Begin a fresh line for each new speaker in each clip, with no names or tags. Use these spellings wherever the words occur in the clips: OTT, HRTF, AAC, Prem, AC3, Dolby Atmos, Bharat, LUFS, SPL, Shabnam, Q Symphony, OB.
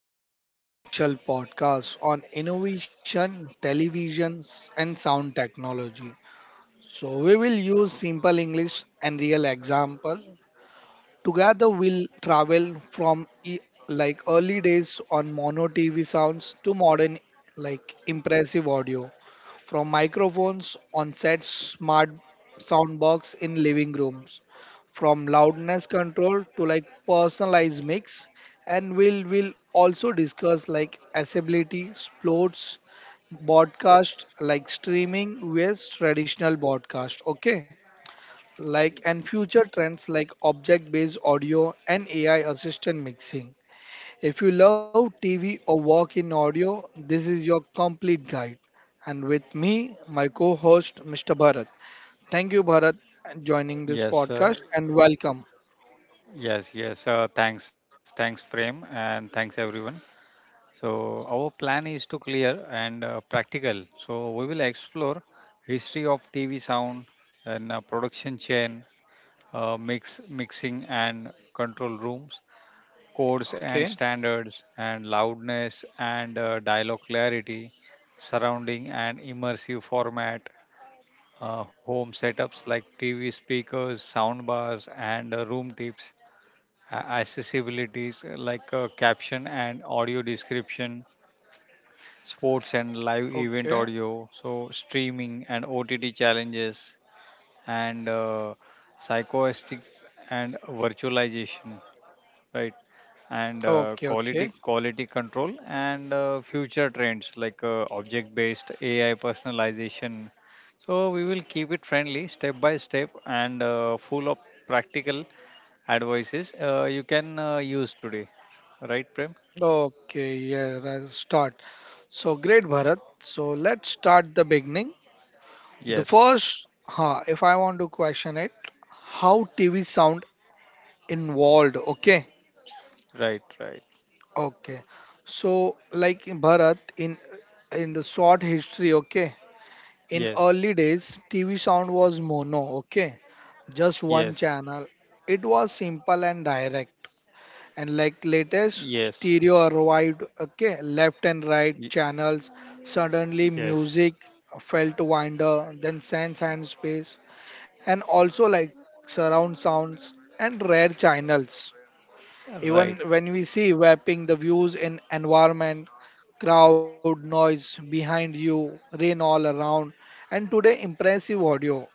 and welcome to special podcast on innovation, televisions and sound technology. So we will use simple English and real example. Together we'll travel from like early days on mono TV sounds to modern, like impressive audio, from microphones on sets, smart soundbox in living rooms, from loudness control to like personalized mix. And we'll will also discuss like accessibility, sports broadcast, like streaming with traditional broadcast, okay, like and future trends like object-based audio and AI assistant mixing. If you love TV or work in audio, this is your complete guide. And with me, my co-host Mr. Bharat. Thank you, Bharat, and joining this
Yes, uh,
podcast and welcome.
yes, yes. Uh, thanks, thanks, Prem, and thanks everyone. So our plan is to clear and practical. So we will explore history of TV sound and production chain, mixing and control rooms, codes and
Okay,
standards, and loudness and dialogue clarity, surrounding and immersive format, home setups like TV speakers, sound bars, and room tips, accessibilities, like caption and audio description, sports and live
okay,
event audio, so streaming and OTT challenges and psychoastics and virtualization, right? And
okay,
uh,
okay,
quality quality control and future trends like object-based AI personalization. So we will keep it friendly, step by step, and full of practical advices you can use today, right, Prem?
okay. Yeah, I start. So great, Bharat. So let's start the beginning. The
Yes.
first, if I want to question it, how TV sound involved, okay?
Right, right.
Okay, so like in bharat, in the short history, okay. In
Yes,
early days, tv sound was mono, okay, just one
yes,
channel. It was simple and direct. And like latest
yes.
stereo arrived, okay, left and
y-
right channels. Suddenly
yes,
music felt wider, than sense and space. And also like surround sounds and rare channels. Even
right.
when we see wrapping the views in environment, crowd, noise behind you, rain all around, and today impressive audio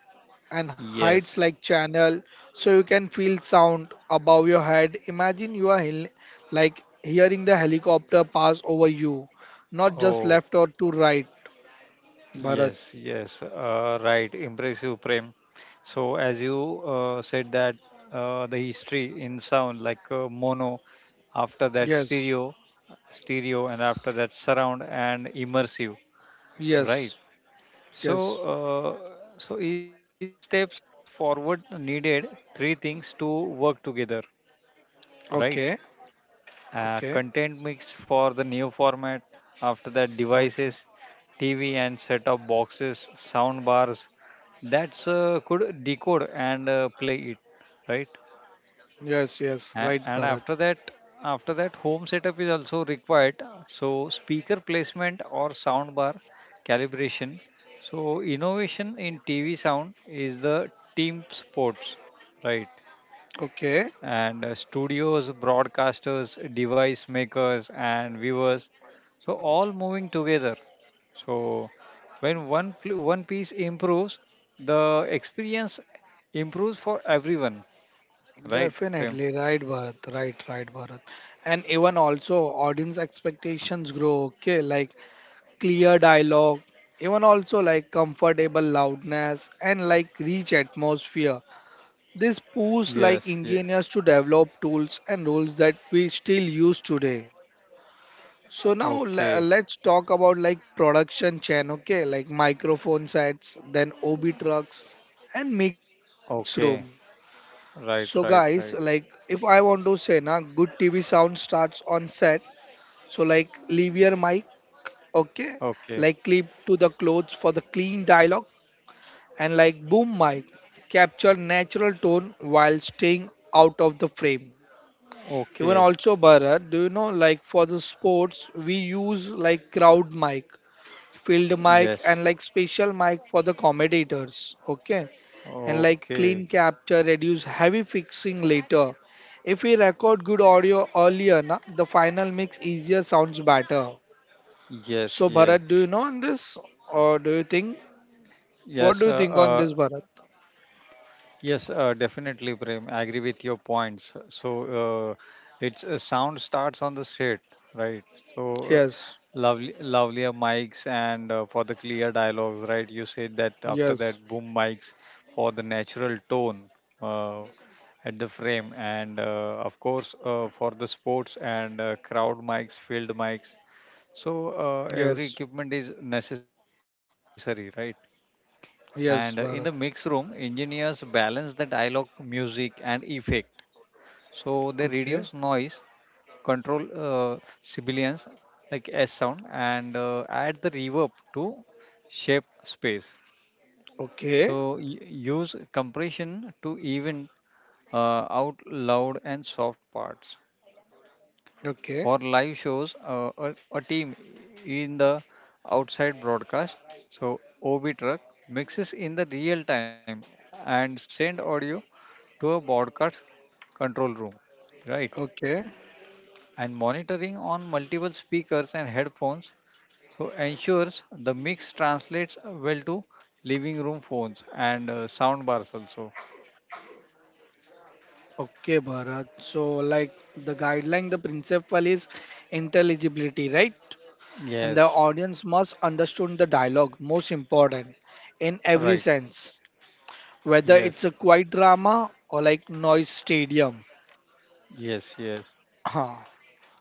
and heights
Yes.
like channel, so you can feel sound above your head. Imagine you are like hearing the helicopter pass over you, not just
Oh,
left or to right. Bharat.
yes, yes, right, impressive, Prem. So as you said that the history in sound, like mono, after that
Yes,
stereo, stereo, and after that surround and immersive, right.
yes,
So,
yes.
uh, so each steps forward needed three things to work together, right?
Okay, okay,
Content mix for the new format. After that,
okay.
devices, TV and set-top boxes, sound bars. That's could decode and play it, right?
Yes, yes, right,
And
Bharat.
after that, after that home setup is also required, so speaker placement or soundbar calibration. So innovation in TV sound is the team sports, right,
Okay.
and studios, broadcasters, device makers, and viewers, so all moving together. So when one piece improves, the experience improves for everyone, right, Prem?
Definitely right, Bharat. Right, right, Bharat. And even also audience expectations grow. Okay, like clear dialogue. Even also like comfortable loudness and like rich atmosphere. This
Yes,
push
yeah.
like engineers to develop tools and rules that we still use today. So now
Okay.
let's talk about like production chain. Okay, like microphone sets, then OB trucks and mix room.
Okay.
So
Right,
guys,
right,
like
right.
if I want to say na, good TV sound starts on set. So like leave your mic, okay? Like
Okay.
clip to the clothes for the clean dialogue and like boom mic. Capture natural tone while staying out of the frame. Even
Okay.
also Bharat, do you know like for the sports we use like crowd mic, field mic and
Yes.
like special mic for the commentators. Okay, and like clean
Okay.
capture reduce heavy fixing later. If we record good audio earlier, na, the final mix easier sounds better. So
Yes,
Bharat,
yes.
do you know on this, or do you think, what do you
Yes. Uh,
think on this
uh,
Bharat?
Yes, uh, definitely, Prem. I agree with your points. So uh, it's a sound starts on the set, right? So uh,
Yes,
lovely, lovelier mics and for the clear dialogues, right? You said that after
yes,
that, boom mics for the natural tone, uh, at the frame, and of course for the sports and crowd mics, field mics. So
yes,
every equipment is necessary, right? And in the
yes,
mix
Bharat.
room, engineers balance the dialogue, music, and effect. So they reduce
Okay,
noise, control sibilance, like S sound, and add the reverb to shape space.
okay,
So use compression to even out loud and soft parts.
okay,
For live shows, a team in the outside broadcast, so OB truck mixes in the real time and send audio to a broadcast control room, right?
okay,
And monitoring on multiple speakers and headphones so ensures the mix translates well to living room phones and sound bars also.
okay, Bharat. So, like the guideline, the principle is intelligibility, right? And the
Yes,
audience must understand the dialogue, most important, in every
right.
sense, whether it's a
Yes,
quiet drama or like noise stadium.
yes, yes,
Huh.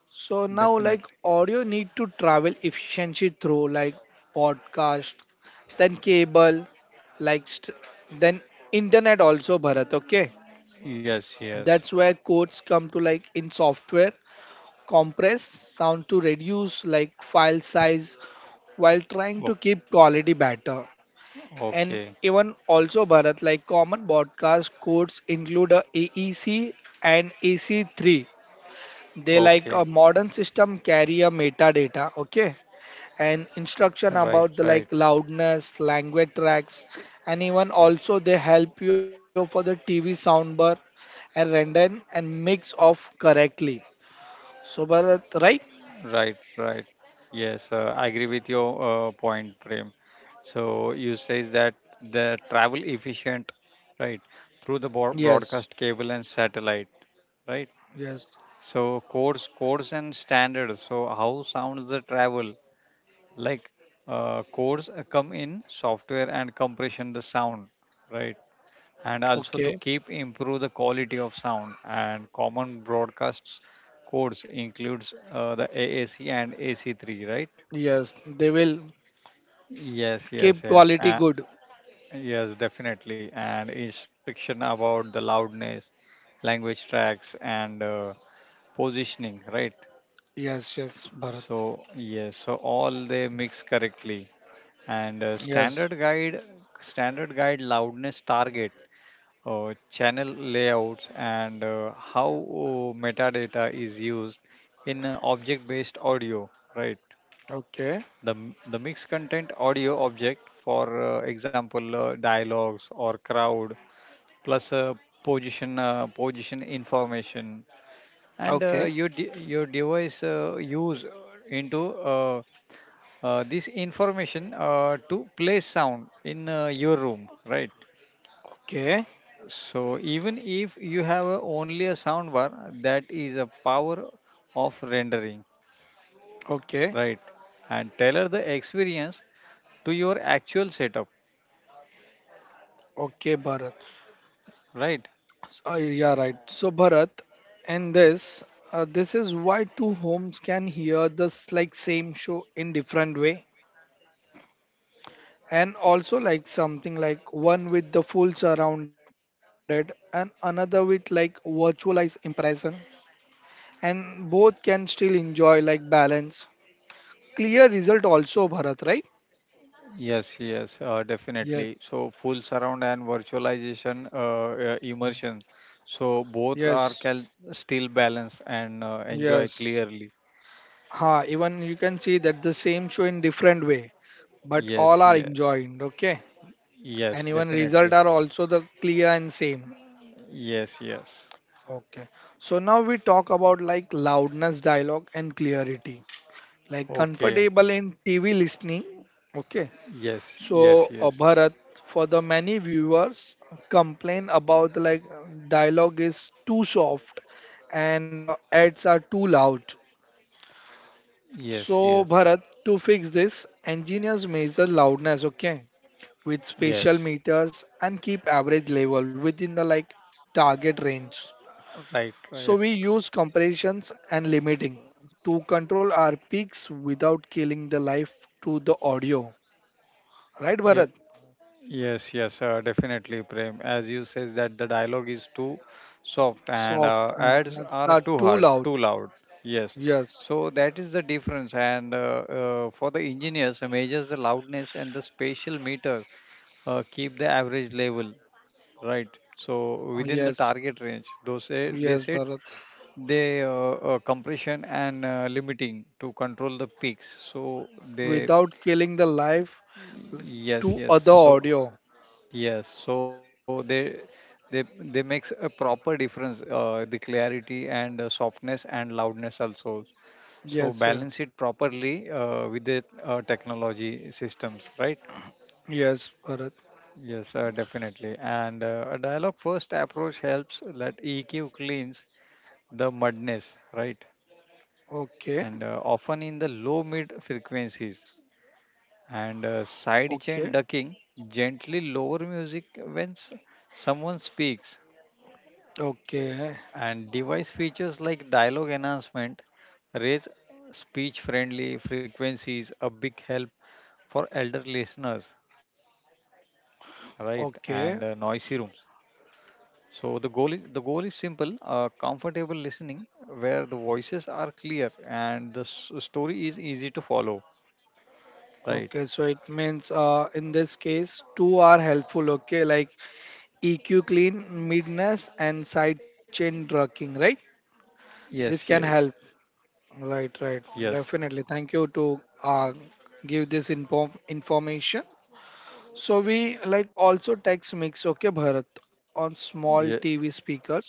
So now like
definitely.
audio need to travel efficiently through like podcast, then cable, like st- then internet also, bharat, okay.
Yes, yes.
That's where codes come to, like in software compress sound to reduce like file size while trying to
Okay,
keep quality better. And
okay.
even also Bharat, like common broadcast codes include a AEC and AC3. They like a
Okay.
modern system carry a metadata, okay, and instruction
Right,
about
right,
the like loudness, language tracks, and even also they help you for the TV soundbar and render and mix off correctly. So Bharat, right?
right, right. Yes, I agree with your point, Prem. So you says that the travel efficient, right, through the
Yes,
broadcast cable and satellite, right?
yes,
So codes, codes and standards. So how sounds the travel? Like codes come in software and compression the sound, right? And also to
okay,
keep improve the quality of sound, and common broadcasts codes includes the AAC and AC3, right.
yes. They will
Yes,
keep
yes, yes,
quality good.
yes, definitely, and instruction about the loudness, language tracks, and positioning, right.
Yes, yes, Bharat.
So yes, so all they mix correctly, and uh,
Yes.
standard guide standard guide loudness target, channel layouts, and how metadata is used in object-based audio, right?
Okay,
The mixed content audio object, for example, dialogues or crowd, plus position information, and
okay,
your device use into this information to play sound in your room, right?
okay,
So even if you have a, only a soundbar, that is a power of rendering,
okay,
right? And tailor the experience to your actual setup,
okay, Bharat.
right?
So, yeah, right. So, Bharat, and this, this is why two homes can hear this like same show in different way, and also like something like one with the full surrounded and another with like virtualized impression, and both can still enjoy like balance. Clear result also, Bharat, right?
Yes, yes,
Yes,
definitely. So full surround and virtualization, immersion. So both are
yes,
still balance and enjoy
yes.
clearly.
Ha, even you can see that the same show in different way, but all
Yes,
are
yeah,
enjoyed, okay. And
yes,
even result
definitely.
are also the clear and same,
Yes, yes.
okay. So now we talk about like loudness, dialogue and clarity, like
Okay.
comfortable in tv listening, okay.
Yes,
So
yes, yes.
bharat, for the many viewers complain about like dialogue is too soft, and ads are too loud.
Yes,
So
yes.
bharat, to fix this, engineers measure loudness, okay, with special
Yes.
meters and keep average level within the like target range.
Right,
So we
right.
use compressions and limiting to control our peaks without killing the life to the audio. Right,
Yeah,
Bharat?
yes, uh, definitely, Prem. As you says that the dialogue is too soft and
Soft and
ads
that's
are
are
too
too
hard,
loud.
too loud. Yes.
Yes,
So that is the difference. And for the engineers, measures the loudness and the spatial meters, keep the average level, right? So within the
Yes,
target range, those say, they
yes,
set,
Bharat.
they compression and limiting to control the peaks. So they,
Without killing the life
yes,
to
yes.
other
So
audio.
yes, so they, they makes a proper difference, the clarity and softness and loudness also. So
Yes,
balance
yeah.
it properly with the technology systems, right?
Yes, Bharat.
Yes, definitely. And a dialogue first approach helps that EQ cleans the mudness, right?
Okay,
And often in the low mid frequencies, and side chain
okay,
ducking, gently lower music when someone speaks,
okay,
and device features like dialogue enhancement raise speech friendly frequencies, a big help for elder listeners, right, and noisy rooms.
okay.
So the goal is, the goal is simple, comfortable listening where the voices are clear and the story is easy to follow, right.
Okay, so it means in this case, two are helpful, okay, like EQ clean, midness, and side chain drugging, right?
Yes,
This can
yes,
help, right? Right,
yes.
definitely. Thank you to give this info information. So we like also text mix, okay, Bharat, on small
Ye-
TV speakers,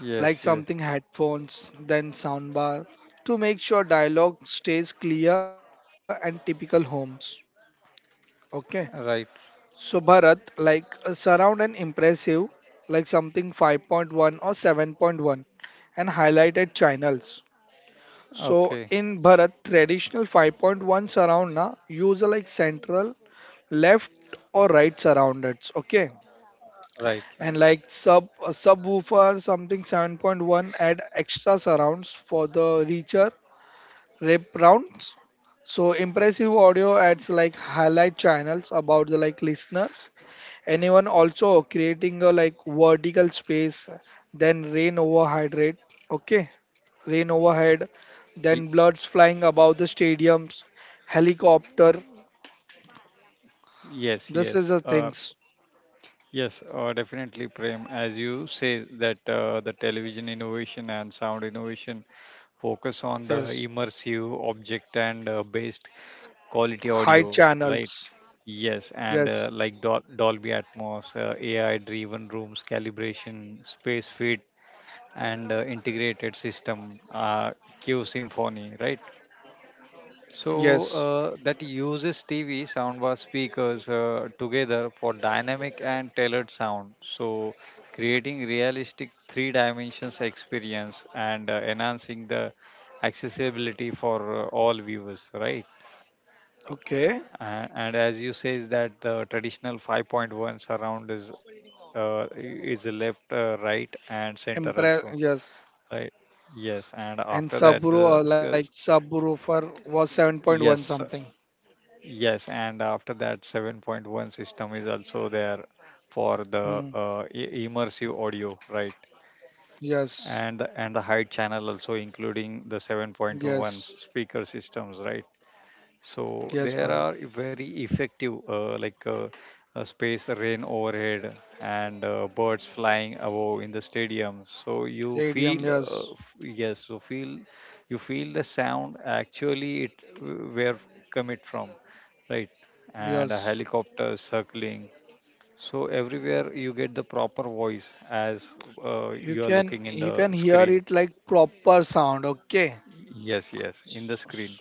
like something
yes,
headphones, then soundbar, to make sure dialogue stays clear and typical homes, okay.
right.
So Bharat, like surround an impressive, like something 5.1 or 7.1, and highlighted channels. So
Okay,
in Bharat, traditional 5.1 surround na use like central, left or right surroundeds. Okay,
right,
and
right.
like subwoofer something 7.1 add extra surrounds for the richer rep rounds. So impressive audio adds like highlight channels about the like listeners anyone also creating a like vertical space, then rain overhydrate, okay, rain overhead,
Ye-
then bloods flying above the stadiums, helicopter,
yes, yes,
this is the things.
Yes, definitely, Prem. As you say that the television innovation and sound innovation focus on the
Yes,
immersive object and based quality
high
audio, right?
channels.
Yes, and
Yes,
like Dolby Atmos, AI-driven rooms calibration, space fit, and integrated system, Q Symphony, right?
yes,
So that uses TV soundbar speakers together for dynamic and tailored sound. So creating realistic three dimensions experience and enhancing the accessibility for all viewers, right?
okay,
And as you say, is that the traditional 5.1 surround is left, right, and center
impress,
also,
yes.
right? Yes, and
And
after that, the
Subaru, like subwoofer was 7.1
yes,
something.
yes, and after that, 7.1 system is also there for the
Hmm.
immersive audio, right?
Yes,
And the height channel also including the
yes,
7.1 speaker systems, right?
yes,
So
bharat,
there are very effective, like space rain overhead and birds flying above in the stadium. So you
stadium,
feel,
yes,
yes, so feel, you feel the sound. Actually, it where come it from, right? And a
yes.
helicopter circling. So everywhere you get the proper voice as you are looking in
You can
the
hear
screen.
it like proper sound. Okay.
Yes, yes, in the screen.
S-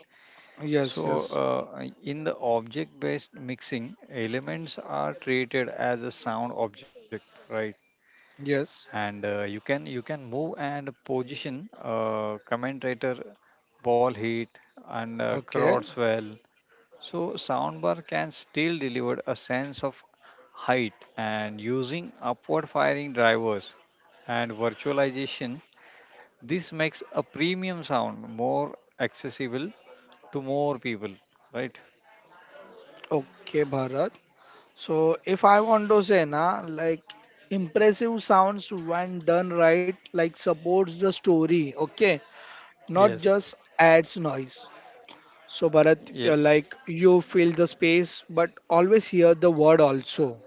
Yes,
So,
yes,
in the object based mixing, elements are treated as a sound object, right?
yes.
And uh, you can move and position commentator, ball hit, and
Okay,
crosswell. So, soundbar can still deliver a sense of height and using upward firing drivers and virtualization. This makes a premium sound more accessible to more people, right?
okay, Bharat. So if I want to say na, like impressive sounds when done right, like supports the story. Okay, not just
Yes.
adds noise. So Bharat,
Ye-
like you fill the space, but always hear the word also.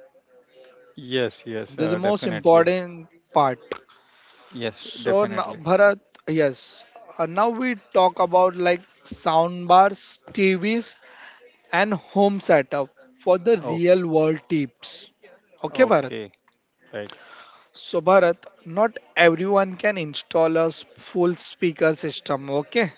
yes, yes,
This is the most
definitely.
important part.
Yes,
So now,
definitely.
Bharat, yes. Now we talk about like sound bars, TVs, and home setup for the
Oh,
real world tips. Okay, Bharat.
okay. Right.
So, Bharat, not everyone can install a full speaker system. Okay.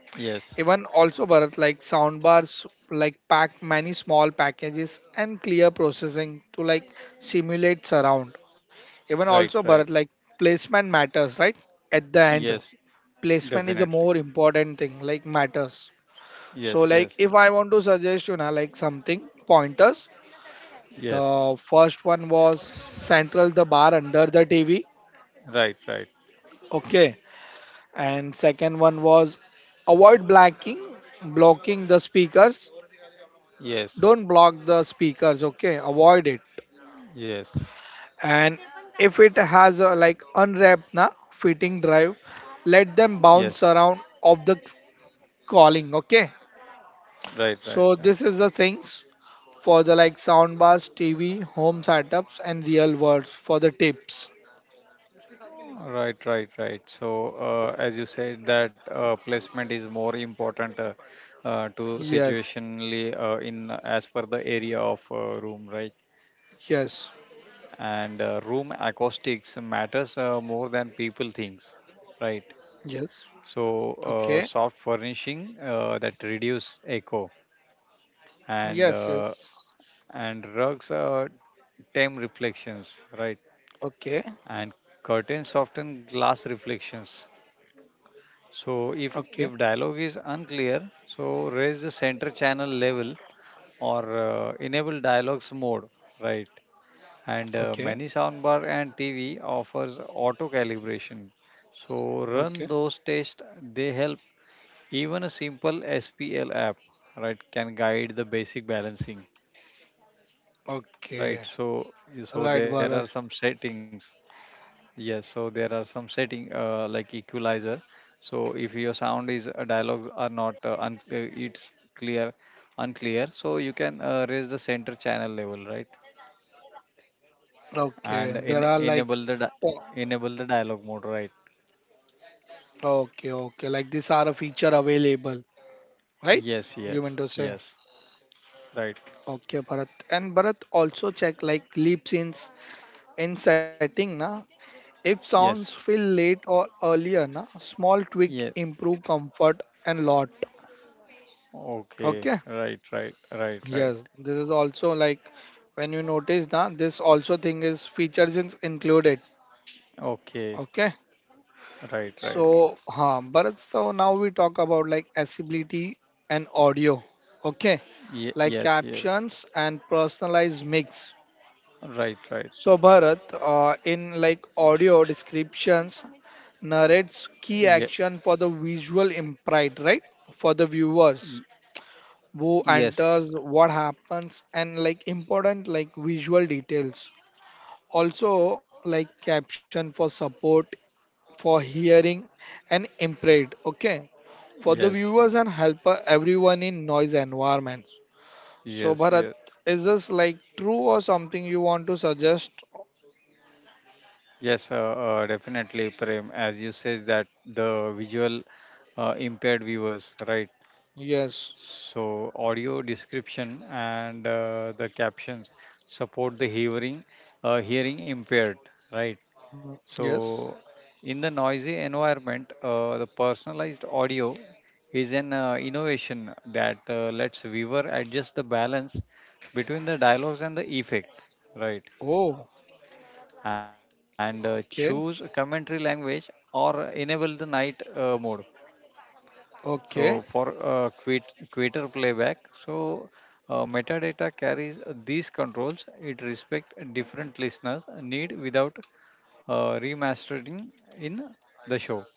Yes.
Even also, Bharat, like sound bars, like pack many small packages and clear processing to like simulate surround. Even also,
Right,
Bharat,
right.
like placement matters, right? At the end,
Yes,
placement is a more
definitely.
important thing, like matters. So
Yes,
like
yes,
if I want to suggest you know like something pointers,
yes.
the first one was central the bar under the tv,
Right, right.
okay. And second one was avoid blocking the speakers,
Yes,
don't block the speakers, okay, avoid it.
yes,
And if it has a like unwrapped na fitting drive, let them
yes.
bounce around of the calling, okay.
Right, right,
So this
right.
is the things for the like soundbars, TV, home setups, and real words for the tips.
Right, right, right. So, as you said, that placement is more important, to
Yes,
situationally, in as per the area of room, right?
yes,
And room acoustics matters more than people thinks, right.
yes.
So
Okay.
soft furnishing that reduce echo, and
Yes,
uh,
yes.
and rugs tame reflections, right,
Okay,
and curtains soften glass reflections. So if
okay,
if dialogue is unclear, so raise the center channel level, or enable dialogues mode, right. And
okay,
many soundbar and TV offers auto calibration. So
okay,
run those tests, they help. Even a simple SPL app, right, can guide the basic balancing,
okay.
right? So so
Right,
there are
Bharat.
some settings. Yes, so there are some setting, like equalizer. So if your sound is, dialogues are not it's clear unclear, so you can raise the center channel level, right?
Okay, there are
And
like,
enable the
po-
enable the dialogue mode, right.
okay, okay, like these are a feature available, right?
Yes,
You meant to
yes,
say?
yes, right.
Okay, Bharat. And Bharat also check like leap scenes in setting, na? If sounds feel
Yes,
late or earlier, na, small tweak
yeah.
improve comfort and lot. Okay.
Okay, right, right, right, right.
Yes, this is also like when you notice that this also thing is features is included.
Okay,
Okay.
right, right.
So, but so now we talk about like accessibility and audio. Okay.
Ye
Like
yes, yes,
captions and personalized mix.
right, right.
So Bharat, in like audio descriptions, narrates key
Yeah,
action for the visual impact, right? For the viewers who
yes,
enters, what happens, and like important like visual details. Also like caption for support for hearing and impaired. Okay, for the
yes,
viewers and helper everyone in noise environments. So
yes, yes,
Bharat,
yes.
is this like true or something you want to suggest?
Yes, definitely, Prem. As you says that the visual impaired viewers, right?
Yes.
So audio description and the captions support the hearing, hearing impaired, right?
Mm, yes.
So, in the noisy environment, the personalized audio is an innovation that lets viewer adjust the balance between the dialogues and the effect, right?
Oh,
And choose a
okay,
commentary language or enable the night mode. So,
okay.
for quitter playback, so metadata carries these controls. It respects different listeners' need without remastering in the show.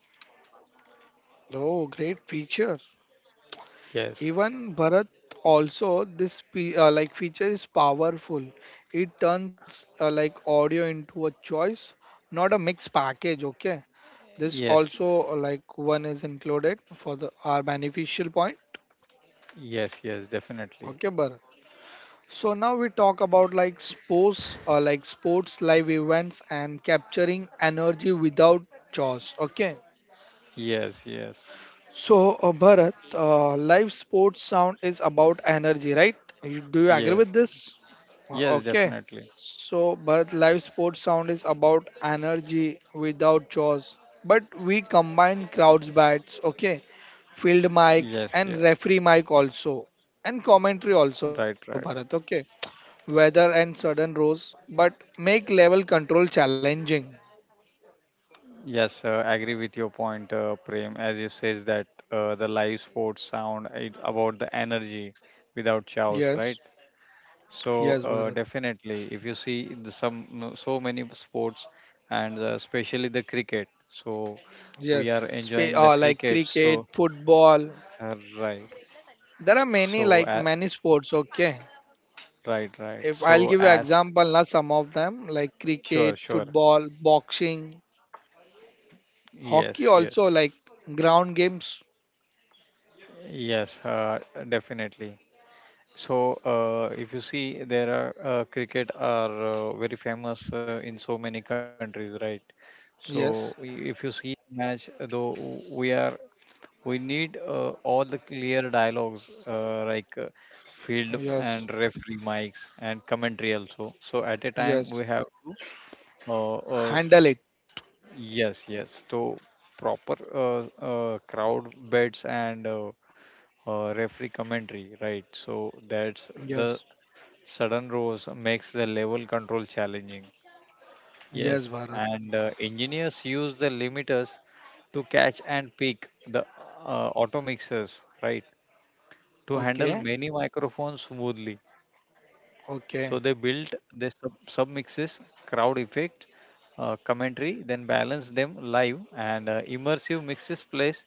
Oh, great feature.
Yes,
Even Bharat, also this pe like feature is powerful. It turns like audio into a choice, not a mixed package. Okay, this
yes,
also like one is included for the our beneficial point.
yes, yes,
Okay,
definitely.
Bharat. So now we talk about like sports live events and capturing energy without chores. Okay.
Yes, yes,
So, Bharat, live sports sound is about energy, right? You, do you agree with
yes,
this?
yes,
Okay.
definitely.
So, Bharat, live sports sound is about energy without chores. But we combine crowds bats, okay, field mic
Yes,
and
yes.
referee mic also, and commentary also,
Right,
Bharat,
right.
okay. Weather and sudden rows, but make level control challenging.
Yes, agree with your point, Prem. As you says that the live sports sound it about the energy without chaos,
Yes,
right? So
yes, Bharat.
definitely, if you see the some so many sports and especially the cricket, so
Yes,
we are enjoying the
Like
cricket.
cricket,
So
football,
right.
there are many
So
like
a
many sports. Okay,
right, right.
if I'll
So
give you
as
example, now some of them like
sure,
cricket,
sure.
football, boxing, hockey.
Yes,
Also
yes.
like ground games.
Yes, definitely. So if you see there are cricket are very famous in so many countries, right? So
Yes,
if you see the match though we are we need all the clear dialogues field and
yes,
referee mics and commentary also. So at a time
yes.
we have to uh, uh,
Handle it.
yes, yes. So proper crowd beds and referee commentary, right? So that's
Yes,
the sudden rose makes the level control challenging.
yes,
Yes,
Bharat.
and engineers use the limiters to catch and pick the auto mixers, right? To handle
Okay,
many microphones smoothly. So they
okay,
built their submixes, crowd effect, commentary, then balance them live and immersive mixes place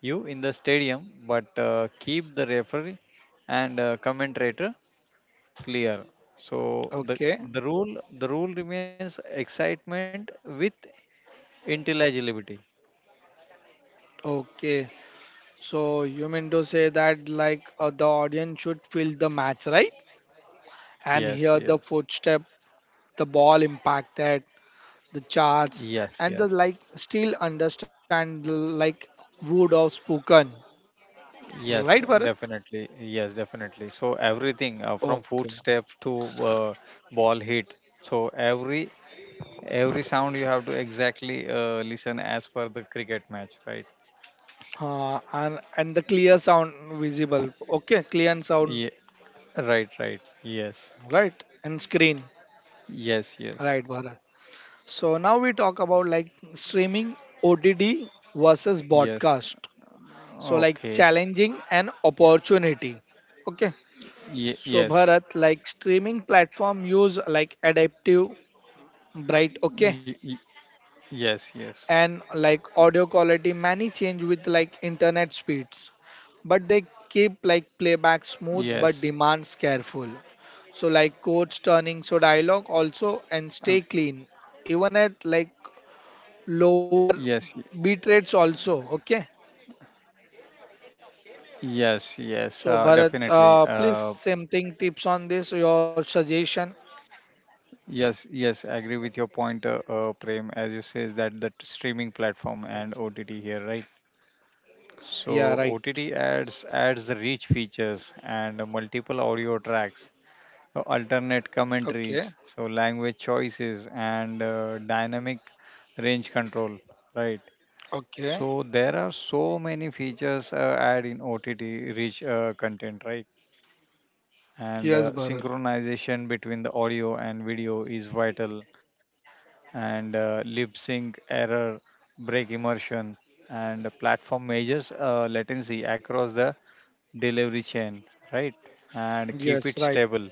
you in the stadium, but keep the referee and commentator clear. So the
okay,
the rule the rule remains excitement with intelligibility.
okay. So you mean to say that like the audience should feel the match, right? And
Yes,
hear the
yes,
footstep, the ball impacted, the charts
yes,
and the
yes.
like still understand the like wood of spoken,
Yes,
right Bharat?
definitely. Yes, definitely. So everything from
Okay.
footstep to ball hit. So every sound you have to exactly listen as per the cricket match, right?
And the clear sound visible. Okay, clear and sound,
Yeah, right, right. Yes,
right and screen,
yes, yes,
right Bharat. So now we talk about like streaming, OTT versus
yes.
broadcast. So like
Okay.
challenging and opportunity. Okay.
Ye
So
yes,
Bharat, like streaming platform use like adaptive, bright,
y
okay,
y- yes, yes,
and like audio quality many change with like internet speeds, but they keep
yes.
like playback smooth but demands careful. So like codes turning, so
Um,
dialogue also and stay clean, even at like
yes,
lower beat rates also. Okay.
yes, yes,
So
definitely.
Bharat, please same thing tips on this your suggestion.
Yes, yes, I agree with your point, Prem, as you says that the streaming platform and OTT here, right? So
Yeah, right,
OTT adds the rich features and multiple audio tracks, alternate
okay,
commentaries, so language choices and dynamic range control, right?
okay,
So there are so many features add in OTT rich content, right? And
yes Bharat,
synchronization between the audio and video is vital and lip sync error, break immersion, and platform measures latency across the delivery chain, right? And keep it
yes right,
stable.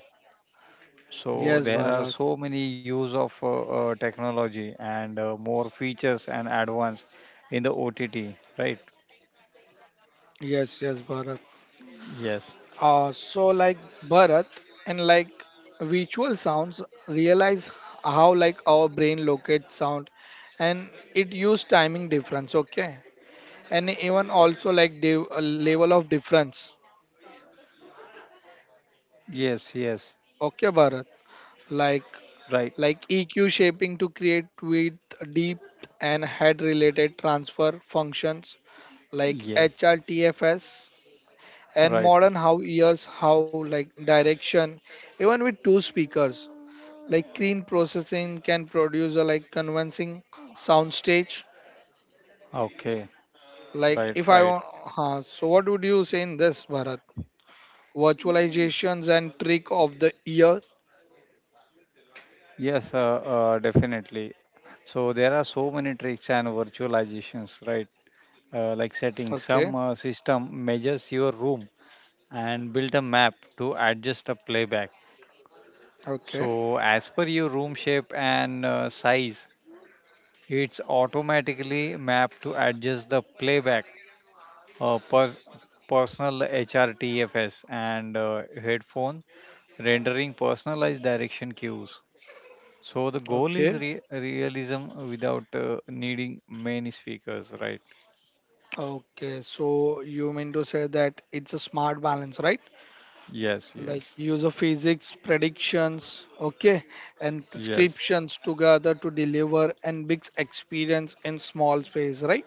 So
yes
there are
Bharat,
so many use of technology and more features and advance in the OTT, right?
yes yes Bharat.
Yes,
So like Bharat, and like visual sounds realize how like our brain locates sound, and it use timing difference, okay, and even also like the level of difference.
yes, yes,
Okay Bharat, like
right,
EQ shaping to create with deep, and head related transfer functions like
yes,
HRTFS, and
right.
modern how ears how like direction, even with two speakers, like green processing can produce a like convincing soundstage,
Okay,
like
right,
if I
right.
want. So what would you say in this Bharat, virtualizations and trick of the year?
Yes, definitely. So there are so many tricks and virtualizations, right? Like setting
Okay,
some system measures your room and build a map to adjust the playback.
okay,
So as per your room shape and size, it's automatically mapped to adjust the playback. Uh, per- Personal HRTFS and headphone rendering personalized direction cues. So the goal is
okay.
realism without needing many speakers, right?
Okay, so you mean to say that it's a smart balance, right?
Yes, yes,
Like use of physics predictions, okay, and
yes,
prescriptions together to deliver and big experience in small space, right?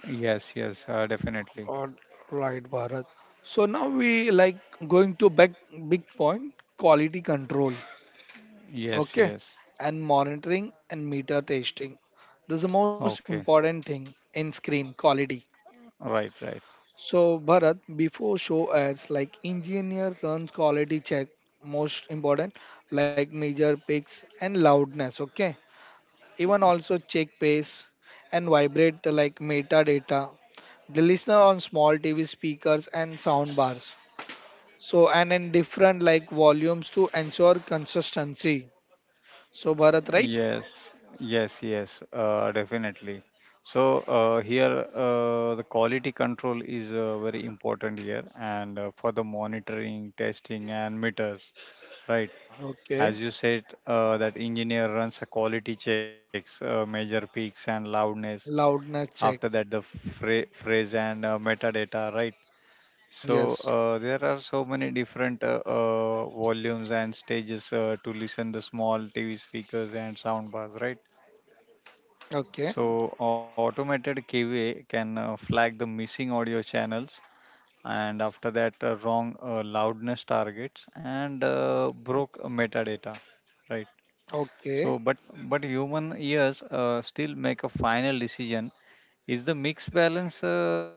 yes, yes, definitely.
All right, Bharat. So now we like going to back big point, quality control.
Yes,
Okay.
yes.
And monitoring and meter testing. This is the most
Okay,
important thing in screen quality.
right, right.
So Bharat, before show ads, like engineer runs quality check, most important, like major peaks and loudness. Okay. Even also check pace and vibrate like metadata. The listener on small TV speakers and sound bars. So and in different like volumes to ensure consistency. So Bharat, right?
Yes, yes, yes, definitely. So here, the quality control is very important here, and for the monitoring, testing, and meters, right?
Okay.
As you said, that engineer runs a quality checks, measure peaks and loudness,
Loudness
after that
check.
the phrase and metadata, right? So
Yes.
there are so many different volumes and stages to listen the small TV speakers and soundbars, right?
Okay.
So automated kva can flag the missing audio channels and after that wrong loudness targets and broke metadata, right?
Okay.
So, but human ears still make a final decision. Is the mix balance?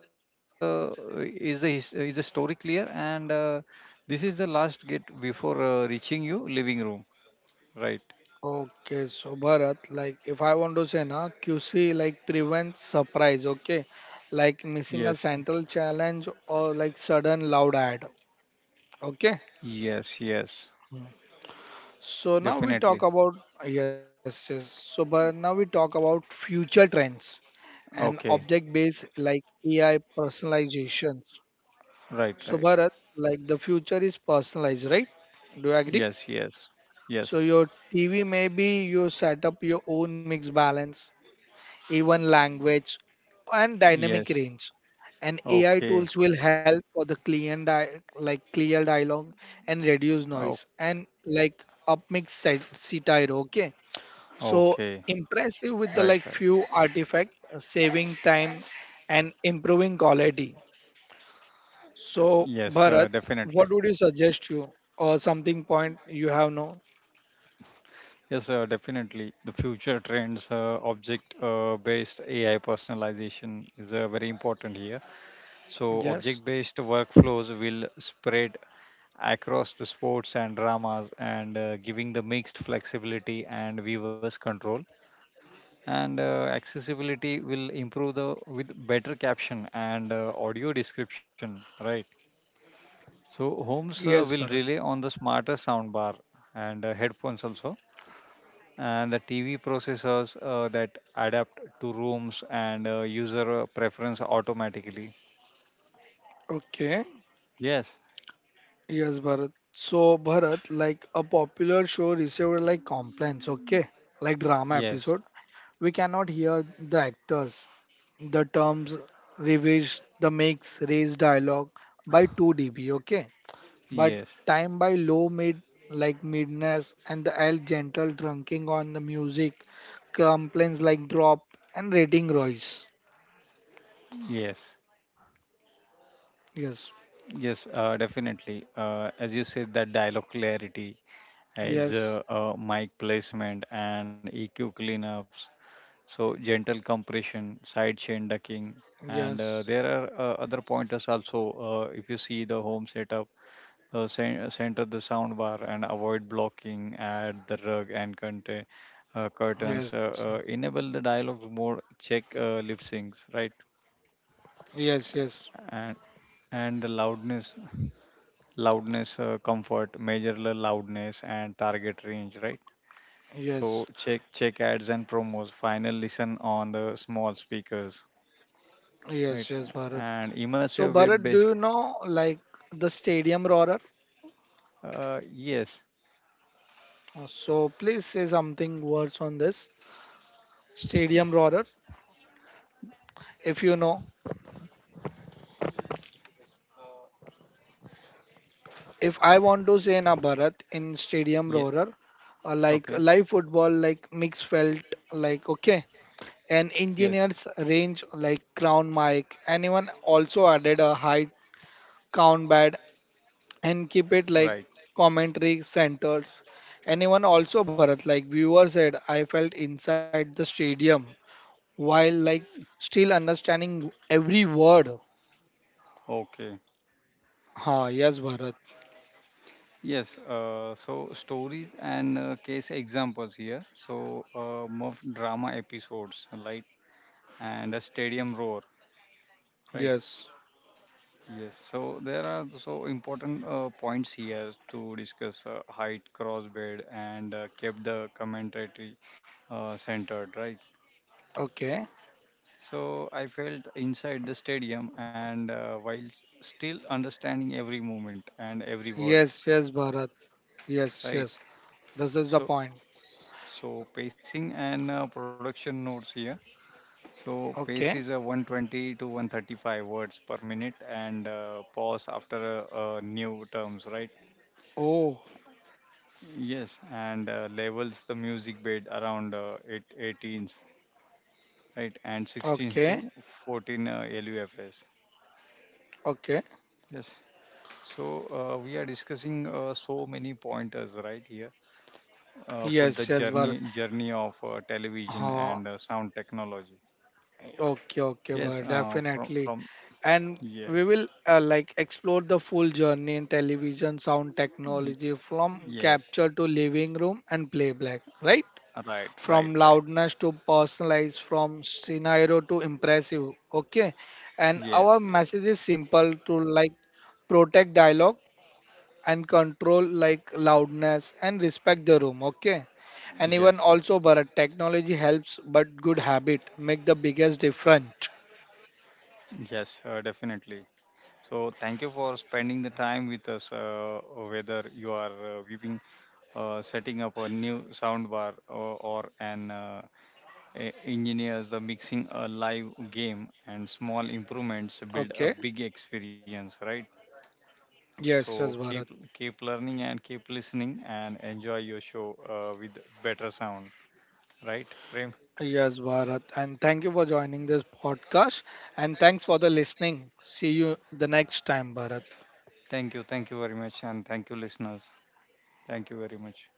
Is the is the story clear? And this is the last gate before reaching you living room, right?
Okay. So Bharat, like if I want to say na QC like prevents surprise, okay? Like missing a
Yes,
central challenge or like sudden loud ad. Okay.
yes, yes,
Hmm. So now we talk
definitely.
about yes, yes. So Bharat, now we talk about future trends, and
Okay,
object based like AI personalization.
right,
So,
right.
Bharat, like the future is personalized, right? Do you agree?
Yes, yes,
So,
yes,
your TV maybe you set up your own mix balance, even language, and dynamic
yes.
range. And AI
Okay,
tools will help for the client di- like clear dialogue and reduce noise
okay,
and like upmix set- setairo. Okay.
okay.
So
Right,
impressive
right.
with the like few artifact, saving time and improving quality. So
Yes,
Bharat,
definitely.
what would you suggest you or something point you have known?
Yes, definitely. The future trends, object-based AI personalization is very important here. So,
Yes,
object-based workflows will spread across the sports and dramas, and giving the mixed flexibility and viewers control. And accessibility will improve the with better caption and audio description, right? So, homes
yes
will
Bharat.
rely on the smarter soundbar and headphones also and the TV processors that adapt to rooms and user preference automatically.
Okay,
Yes.
yes Bharat. So Bharat, like a popular show received like complaints. Okay, like drama
Yes,
episode. We cannot hear the actors. The terms revised, the mix, raised dialogue by 2 dB. Okay but
yes,
time by low mid like midness and the L gentle drunking on the music, complaints like drop and rating rise.
yes,
Yes,
yes, definitely. As you said, that dialogue clarity is
yes,
mic placement and EQ cleanups. So gentle compression, side chain ducking, and there
yes,
are other pointers also. If you see the home setup. Center the soundbar and avoid blocking, add the rug and contain, curtains,
yes,
enable the dialogue mode, check lip syncs, right?
yes, yes,
And and the loudness, comfort, measure the loudness and target range, right? So
yes,
check ads and promos, final listen on the small speakers, right?
yes, yes, Bharat.
And
So
immersive web
Bharat, do
based,
you know like the stadium roarer?
yes,
So please say something words on this stadium roarer if you know. If I want to say na Bharat in stadium
yeah,
roarer, like
okay,
live football like mix felt, like okay, and
yes,
engineers range like crown mic, anyone also added a height count bad, and keep it
right,
like commentary centered, anyone also Bharat, like viewer said I felt inside the stadium while like still understanding every word.
okay.
Ha, yes Bharat,
Yes, so stories and case examples here. So, more drama episodes, right? And a stadium roar, right?
yes,
Yes, so there are so important points here to discuss height, crossbed, and kept the commentary centered, right?
okay,
So, I felt inside the stadium and while still understanding every movement and every
yes
word,
yes Bharat, yes yes,
right?
this is the point.
So, so pacing and production notes here. So pace
Okay.
is 120 to 135 words per minute and pause after new terms, right?
Oh,
Yes, and levels the music bed around eight, 18s, right? And
okay,
16s to 14 LUFS.
okay.
Yes, so we are discussing so many pointers right here for
Yes,
the
yes, Bharat.
journey of television
Uh,
and sound technology.
okay, okay,
Yes,
Bharat,
from
definitely. And
yes,
we will like explore the full journey in television sound
y-
technology from
yes,
capture to living room and playback, right?
right,
From
right, right.
loudness to personalized, from scenario to impressive. Okay. And our
Yes,
message is
yes,
simple to like protect dialogue, and control like loudness and respect the room, okay, and even
yes,
also Bharat technology helps but good habit make the biggest difference.
yes, yes, definitely. So, thank you for spending the time with us. Whether you are viewing, setting up a new soundbar or, engineers, the mixing a live game and small improvements
Okay,
build a big experience, right?
yes yes
So
Bharat.
keep learning and keep listening and enjoy your show with better sound, right, Prem?
Yes Bharat, and thank you for joining this podcast, and thanks for the listening. See you the next time, Bharat.
Thank you very much, and thank you, listeners. Thank you very much.